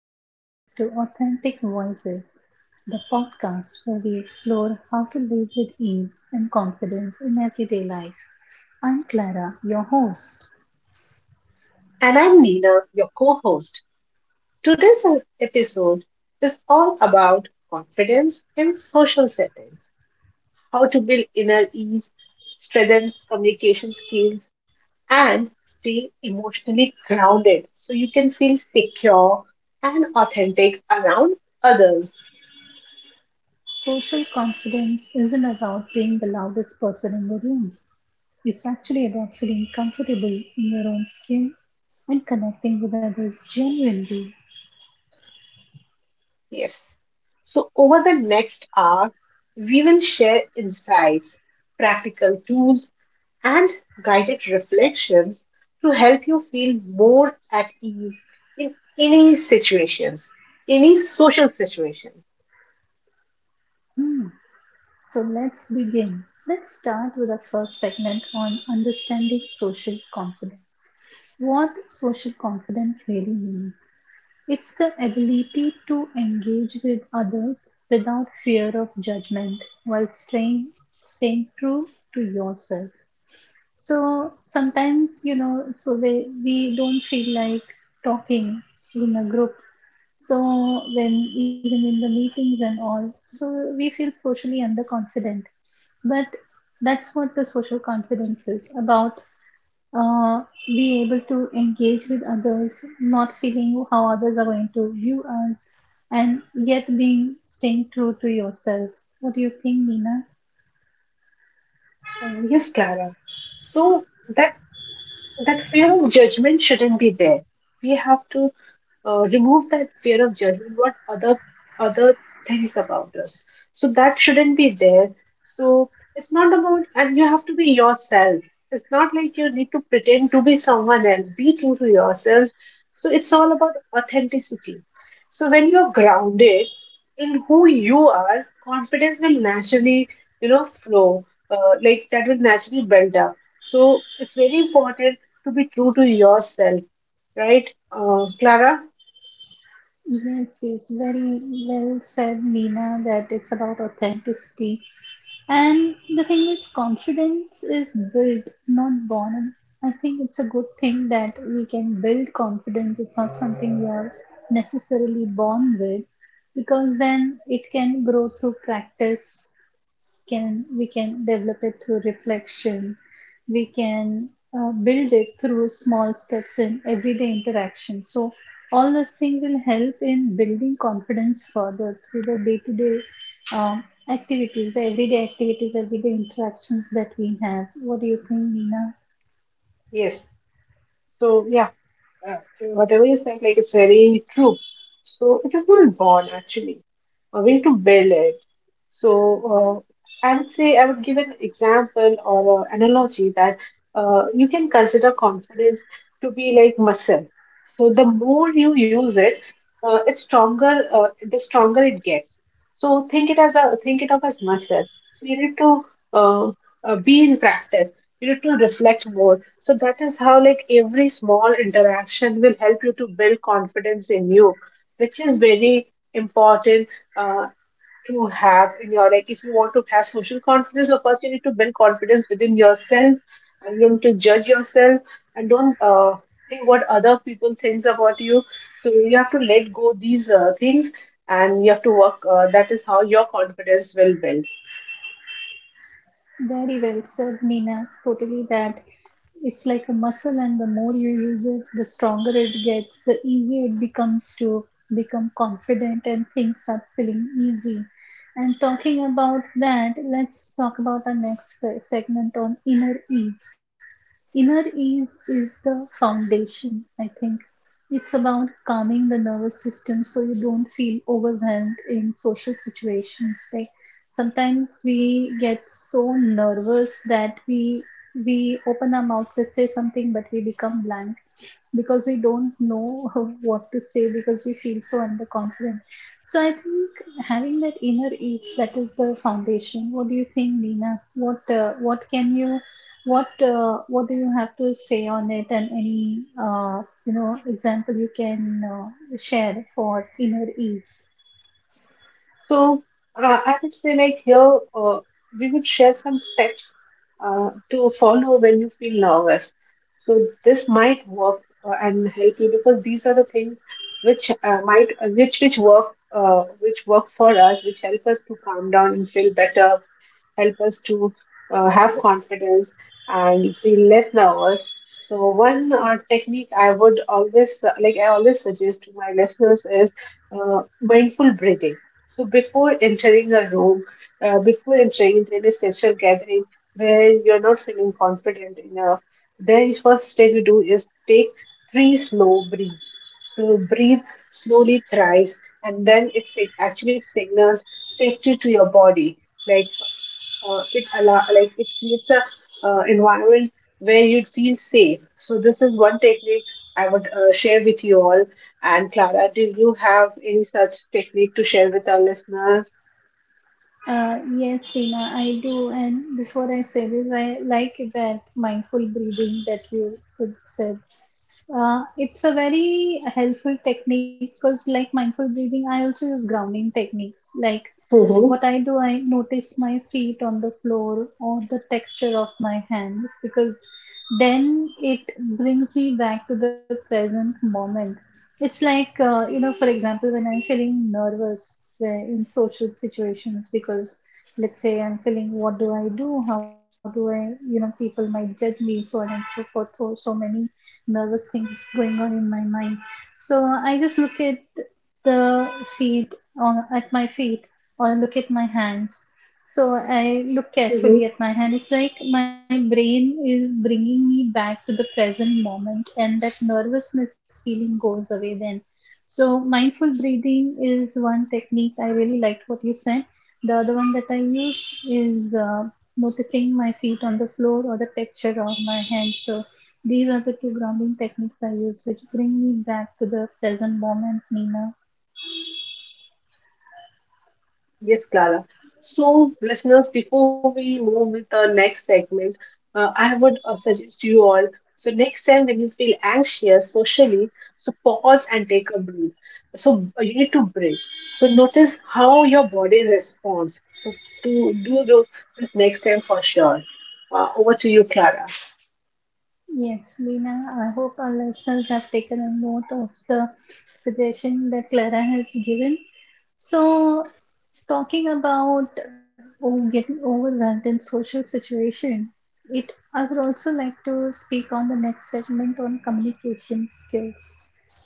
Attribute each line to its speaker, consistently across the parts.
Speaker 1: Welcome to Authentic Voices, the podcast where we explore how to live with ease and confidence in everyday life. I'm Clara, your host.
Speaker 2: And I'm Nina, your co host. Today's episode is all about confidence in social settings, how to build inner ease, strengthen communication skills, and stay emotionally grounded so you can feel secure and authentic around others.
Speaker 1: Social confidence isn't about being the loudest person in the room, it's actually about feeling comfortable in your own skin and connecting with others genuinely.
Speaker 2: Yes. So, over the next hour, we will share insights, practical tools, and guided reflections to help you feel more at ease in any situations, any social situation.
Speaker 1: Hmm. So let's begin. Let's start with our first segment on understanding social confidence. What social confidence really means. It's the ability to engage with others without fear of judgment while staying true to yourself. So sometimes, so we don't feel like talking in a group, so when even in the meetings and all, so we feel socially underconfident. But that's what the social confidence is about. Being able to engage with others, not feeling how others are going to view us, and yet being staying true to yourself. What do you think, Nina?
Speaker 2: Oh, yes, Clara. So that fear of judgment shouldn't be there. We have to remove that fear of judgment, what other things about us, so that shouldn't be there. So it's not about, and you have to be yourself. It's not like you need to pretend to be someone else, be true to yourself. So it's all about authenticity. So when you're grounded in who you are, confidence will naturally, flow, like that will naturally build up. So it's very important to be true to yourself, right, Clara?
Speaker 1: Yes, yes, very well said, Nina, that it's about authenticity. And the thing is, confidence is built, not born. And I think it's a good thing that we can build confidence. It's not something we are necessarily born with, because then it can grow through practice, can we can develop it through reflection, we can build it through small steps in everyday interaction. So all those things will help in building confidence further through the day-to-day um, activities, the everyday activities, everyday interactions that we have. What do you think, Nina?
Speaker 2: Yes. So yeah, whatever you said, like it's very true. So it is not born, actually, a way to build it. So I would say, I would give an example or an analogy that you can consider confidence to be like muscle. So the more you use it, it's stronger. The stronger it gets. So think it as a think it of as muscle. So you need to uh, be in practice. You need to reflect more. So that is how, like, every small interaction will help you to build confidence in you, which is very important uh, to have in your, like, if you want to have social confidence, so first you need to build confidence within yourself, and you need to judge yourself, and don't think what other people thinks about you. So you have to let go these things, and you have to work, that is how your confidence will build.
Speaker 1: Very well said, Nina. Totally that it's like a muscle, and the more you use it the stronger it gets, the easier it becomes to become confident and things start feeling easy. And talking about that, let's talk about our next segment on inner ease. Inner ease is the foundation, I think. It's about calming the nervous system so you don't feel overwhelmed in social situations. Like sometimes we get so nervous that we open our mouths to say something, but we become blank because we don't know what to say because we feel so underconfident. So I think having that inner ease, that is the foundation. What do you think, Nina? What can you, what do you have to say on it, and any example you can share for inner ease?
Speaker 2: So I would say, like, here, we would share some tips to follow when you feel nervous. So this might work and help you, because these are the things which might which work for us, which help us to calm down and feel better, help us to have confidence and feel less nervous. So one technique I would always like I always suggest to my listeners is mindful breathing. So before entering a room, before entering into any social gathering where you're not feeling confident enough, the first step you do is take three slow breaths. So breathe slowly thrice, and then actually it signals safety to your body. Like it allow like it creates a environment where you feel safe. So this is one technique I would share with you all. And Clara, do you have any such technique to share with our listeners?
Speaker 1: Yes, Sina, I do. And before I say this, I like that mindful breathing that you said. It's a very helpful technique because, like mindful breathing, I also use grounding techniques. Like,
Speaker 2: Mm-hmm.
Speaker 1: what I do, I notice my feet on the floor or the texture of my hands, because then it brings me back to the present moment. It's like, for example, when I'm feeling nervous where in social situations, because let's say I'm feeling, what do I do? How do I, people might judge me, so on and so forth, or so many nervous things going on in my mind. So I just look at the feet, or at my feet, or look at my hands. So I look carefully at my hand. It's like my brain is bringing me back to the present moment, and that nervousness feeling goes away then. So mindful breathing is one technique. I really liked what you said. The other one that I use is noticing my feet on the floor or the texture of my hand. So these are the two grounding techniques I use, which bring me back to the present moment, Nina.
Speaker 2: Yes, Clara. So, listeners, before we move with the next segment, I would suggest you all, so next time when you feel anxious socially, so pause and take a breath. So you need to breathe. So notice how your body responds. So to this next time for sure. Over to you, Clara.
Speaker 1: Yes, Nina. I hope our listeners have taken a note of the suggestion that Clara has given. So, talking about, oh, getting overwhelmed in social situation, it I would also like to speak on the next segment on communication skills.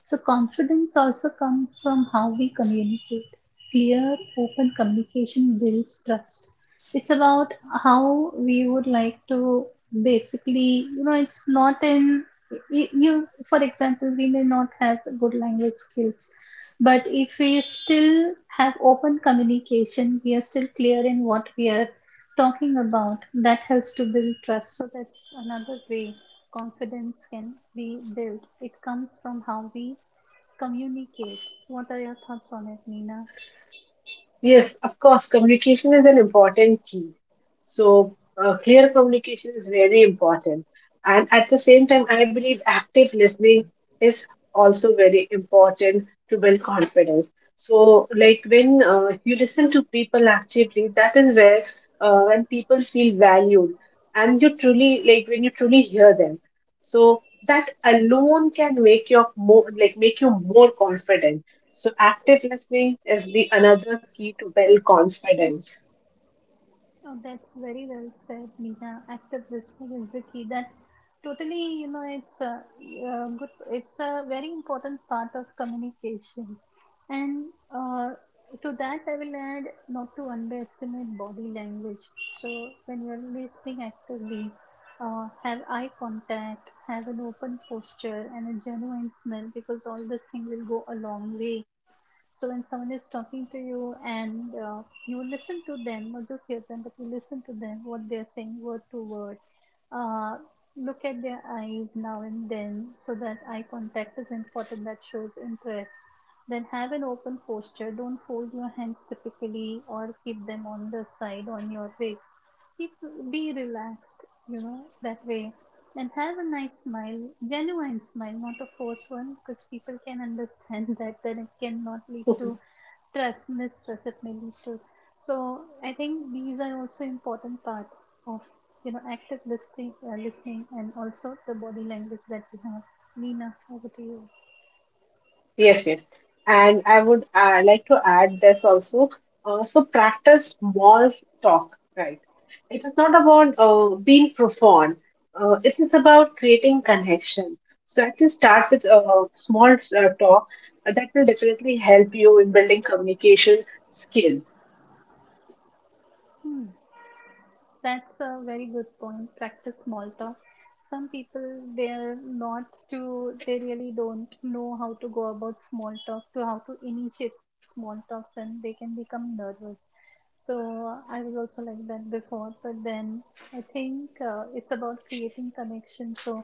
Speaker 1: So, confidence also comes from how we communicate. Clear, open communication builds trust. It's about how we would like to basically, it's not in you. For example, we may not have good language skills, but if we still have open communication, we are still clear in what we are talking about, that helps to build trust. So that's another way confidence can be built. It comes from how we communicate. What are your thoughts on it, Nina?
Speaker 2: Yes, of course, communication is an important key. So, clear communication is very important. And at the same time, I believe active listening is also very important to build confidence. So, like when you listen to people actively, that is where when people feel valued and you truly, like when you truly hear them. So, that alone can make your, more like, make you more confident. So active listening is the another key to build confidence.
Speaker 1: Oh, that's very well said, Meena. Active listening is the key. That totally, it's a good, it's a very important part of communication. And uh, to that, I will add not to underestimate body language. So when you're listening actively, have eye contact, have an open posture, and a genuine smile, because all this thing will go a long way. So when someone is talking to you, and you listen to them, not just hear them, but you listen to them, what they're saying word to word. Uh, look at their eyes now and then, so that eye contact is important, that shows interest. Then have an open posture. Don't fold your hands typically or keep them on the side on your waist. Keep, be relaxed, that way. And have a nice smile, genuine smile, not a forced one, because people can understand that, then it cannot lead to trust, mistrust, it may lead to. So I think these are also important part of active listening, listening, and also the body language that we have. Nina, over to you.
Speaker 2: Yes, yes. And I would like to add this also. So practice small talk, right? It is not about being profound. It is about creating connection. So at least start with a small talk. That will definitely help you in building communication skills.
Speaker 1: Hmm. That's a very good point. Practice small talk. Some people they're not to, they really don't know how to go about small talk to how to initiate small talks, and they can become nervous. So I was also like that before, but then I think it's about creating connection. So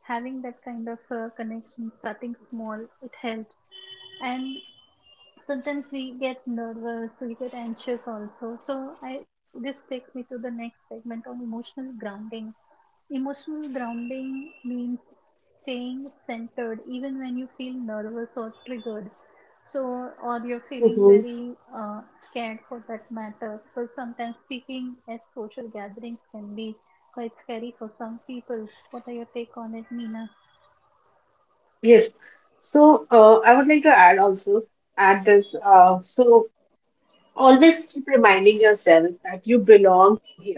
Speaker 1: having that kind of connection, starting small, it helps. And sometimes we get nervous, we get anxious also, so I, this takes me to the next segment on emotional grounding. Emotional grounding means staying centered even when you feel nervous or triggered. So or you're feeling
Speaker 2: Mhm.
Speaker 1: very scared, for that matter, because sometimes speaking at social gatherings can be quite scary for some people. What are your take on it, Nina?
Speaker 2: Yes. So I would like to add this. So always keep reminding yourself that you belong here.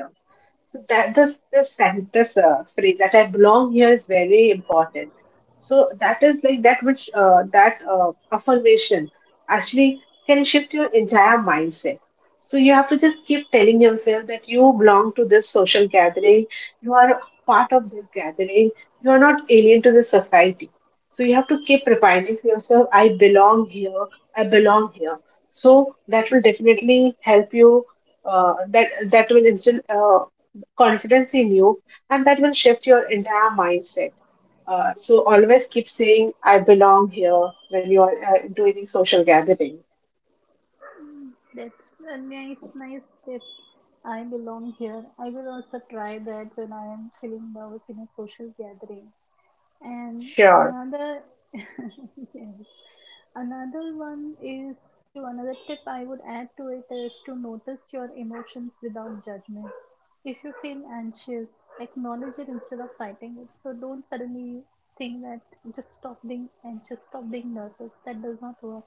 Speaker 2: So that this sen- this phrase that I belong here is very important. So that is like that which that affirmation actually can shift your entire mindset. So you have to just keep telling yourself that you belong to this social gathering. You are part of this gathering. You are not alien to the society. So you have to keep reminding yourself, I belong here. I belong here. So that will definitely help you, uh, that that will instill confidence in you, and that will shift your entire mindset. So always keep saying, I belong here, when you are into any social gathering.
Speaker 1: That's a nice, nice tip. I belong here. I will also try that when I am feeling nervous in a social gathering. And
Speaker 2: Sure.
Speaker 1: another, yes, another one is to, another tip I would add to it is to notice your emotions without judgment. If you feel anxious, acknowledge it instead of fighting it. So don't suddenly think that just stop being anxious, stop being nervous. That does not work.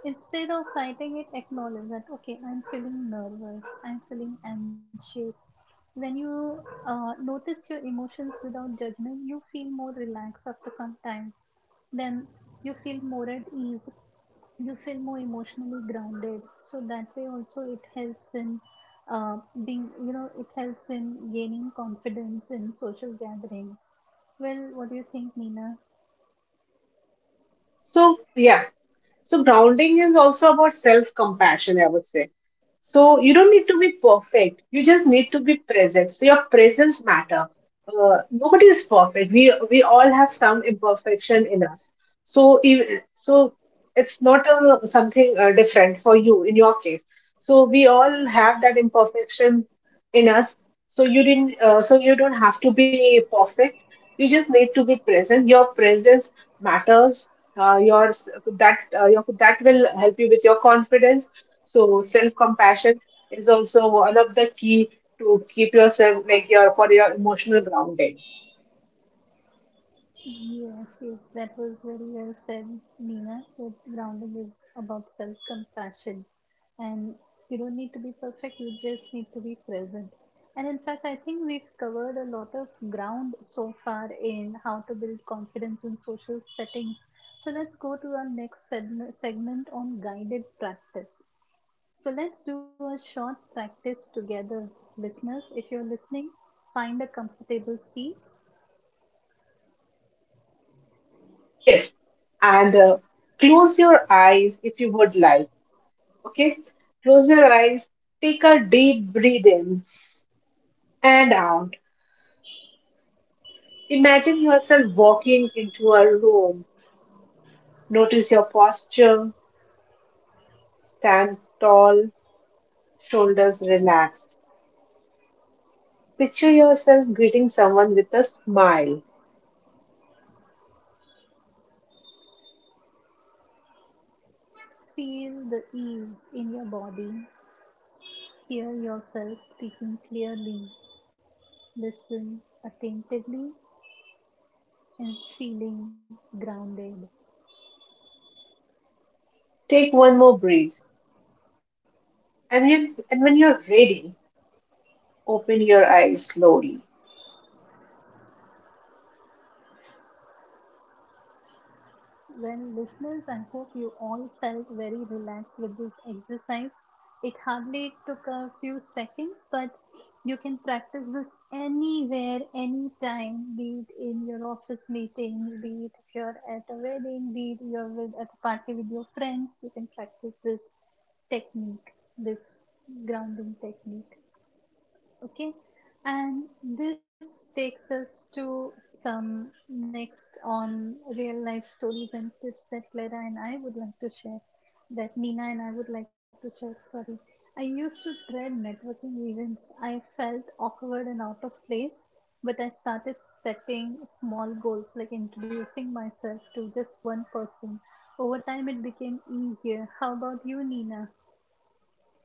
Speaker 1: Instead of fighting it, acknowledge that, okay, I'm feeling nervous, I'm feeling anxious. When you notice your emotions without judgment, you feel more relaxed after some time. Then you feel more at ease, you feel more emotionally grounded. So that way, also, it helps in uh, it helps in gaining confidence in social gatherings. Well, what do you think, Nina?
Speaker 2: So, yeah, so grounding is also about self-compassion, I would say. So you don't need to be perfect. You just need to be present. So your presence matter. Nobody is perfect. We all have some imperfection in us. So if, so it's not a, something different for you in your case. So we all have that imperfections in us. So you didn't. So you don't have to be perfect. You just need to be present. Your presence matters, your s- that your, that will help you with your confidence. So self compassion is also one of the key to keep yourself, like, your, for your emotional grounding.
Speaker 1: Yes, yes, that was very well said, Nina. That grounding is about self compassion, and you don't need to be perfect, you just need to be present. And in fact, I think we've covered a lot of ground so far in how to build confidence in social settings. So let's go to our next segment, segment on guided practice. So let's do a short practice together, listeners. If you're listening, find a comfortable seat.
Speaker 2: Yes. And close your eyes if you would like. Okay, close your eyes, take a deep breath in and out. Imagine yourself walking into a room. Notice your posture, stand tall, shoulders relaxed. Picture yourself greeting someone with a smile.
Speaker 1: Feel the ease in your body. Hear yourself speaking clearly. Listen attentively and feeling grounded.
Speaker 2: Take one more breath, and when you're ready, open your eyes slowly.
Speaker 1: Well, listeners, I hope you all felt very relaxed with this exercise. It hardly took a few seconds, but you can practice this anywhere, anytime, be it in your office meetings, be it if you're at a wedding, be it you're with, at a party with your friends. You can practice this technique, this grounding technique. Okay, and this takes us to some next on real life stories and tips that Clara and I would like to share, that Nina and I would like to share. Sorry, I used to dread networking events. I felt awkward and out of place, but I started setting small goals like introducing myself to just one person. Over time, it became easier. How about you, Nina?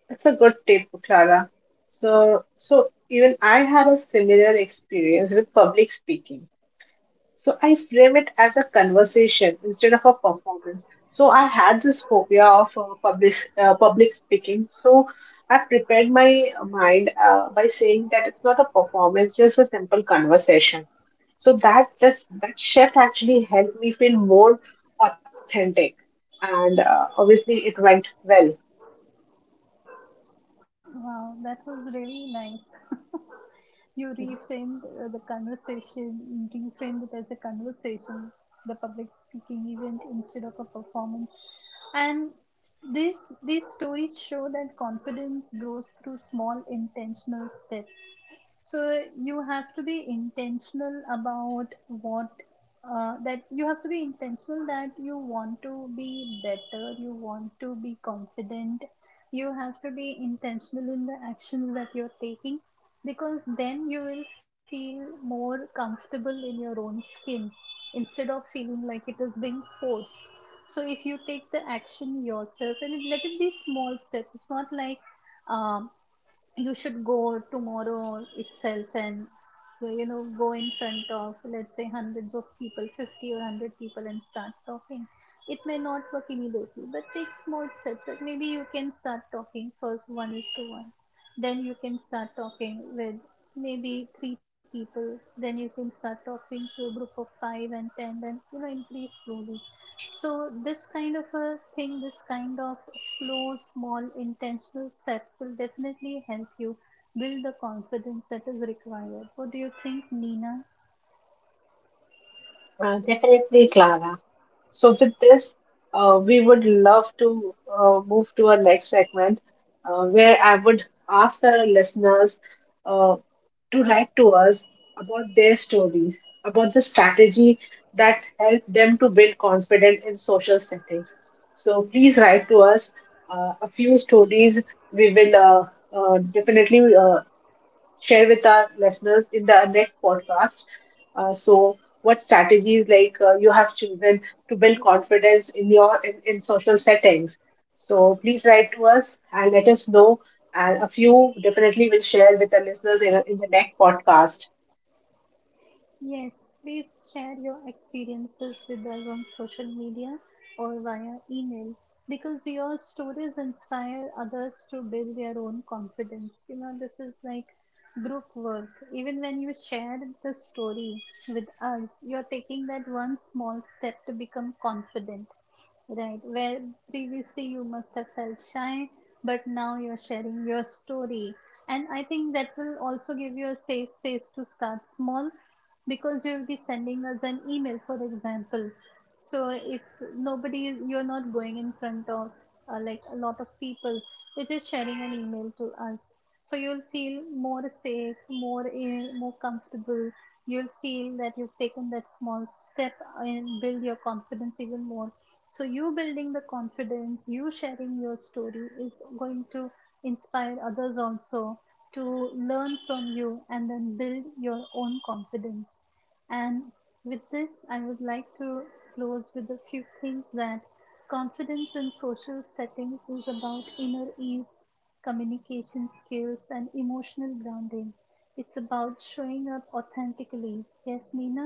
Speaker 2: That's a good tip, Clara. So, so even I had a similar experience with public speaking. So I frame it as a conversation instead of a performance. So I had this phobia of public speaking. So I prepared my mind by saying that it's not a performance, just a simple conversation. So that shift actually helped me feel more authentic, and obviously it went well.
Speaker 1: Wow, that was really nice. You reframed the conversation, reframed it as a conversation, the public speaking event instead of a performance. And this, these stories show that confidence grows through small intentional steps. So you have to be intentional about what, that you have to be intentional that you want to be better, you want to be confident, you have to be intentional in the actions that you're taking, because then you will feel more comfortable in your own skin instead of feeling like it is being forced. So if you take the action yourself, and it, let it be small steps. It's not like, um, you should go tomorrow itself and, you know, go in front of, let's say, hundreds of people, 50 or 100 people, and start talking. It may not work immediately, but take small steps. That maybe you can start talking first, one is to one, then you can start talking with maybe three people, then you can start talking to a group of five and 10, then you know increase slowly. So, this kind of a thing, this kind of slow, small, intentional steps will definitely help you build the confidence that is required. What do you think, Nina?
Speaker 2: Definitely, Clara. So, with this, we would love to move to our next segment where I would ask our listeners uh, to write to us about their stories, about the strategy that helped them to build confidence in social settings. So, please write to us a few stories. We will definitely share with our listeners in the next podcast. So, what strategies, like, you have chosen to build confidence in in social settings? So, please write to us and let us know. And a few definitely will share with the listeners in the next podcast.
Speaker 1: Yes, please share your experiences with us on social media or via email, because your stories inspire others to build their own confidence. You know, this is like group work. Even when you share the story with us, you're taking that one small step to become confident, right? Where previously you must have felt shy, but now you're sharing your story. And I think that will also give you a safe space to start small, because you'll be sending us an email, for example. So it's nobody, you're not going in front of like a lot of people. You're just sharing an email to us. So you'll feel more safe, more in, more comfortable. You'll feel that you've taken that small step and build your confidence even more. So you building the confidence, you sharing your story is going to inspire others also to learn from you and then build your own confidence. And with this, I would like to close with a few things that confidence in social settings is about inner ease, communication skills, and emotional grounding. It's about showing up authentically. Yes, Nina?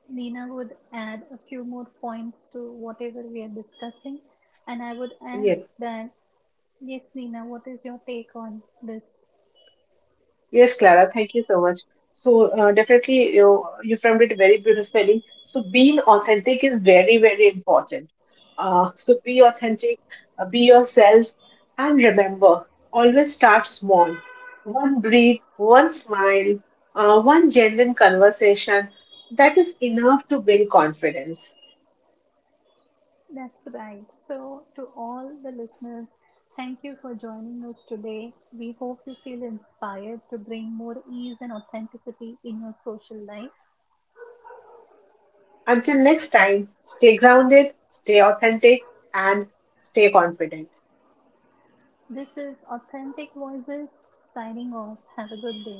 Speaker 1: Nina would add a few more points to whatever we are discussing. And I would add
Speaker 2: Yes.
Speaker 1: that, yes, Nina, what is your take on this?
Speaker 2: Yes, Clara, thank you so much. So definitely you framed it very beautifully. So being authentic is very, very important. So be authentic, be yourself, and remember, always start small. One breathe, one smile, one genuine conversation. That is enough to build confidence.
Speaker 1: That's right. So, to all the listeners, thank you for joining us today. We hope you feel inspired to bring more ease and authenticity in your social life.
Speaker 2: Until next time, stay grounded, stay authentic, and stay confident.
Speaker 1: This is Authentic Voices signing off. Have a good day.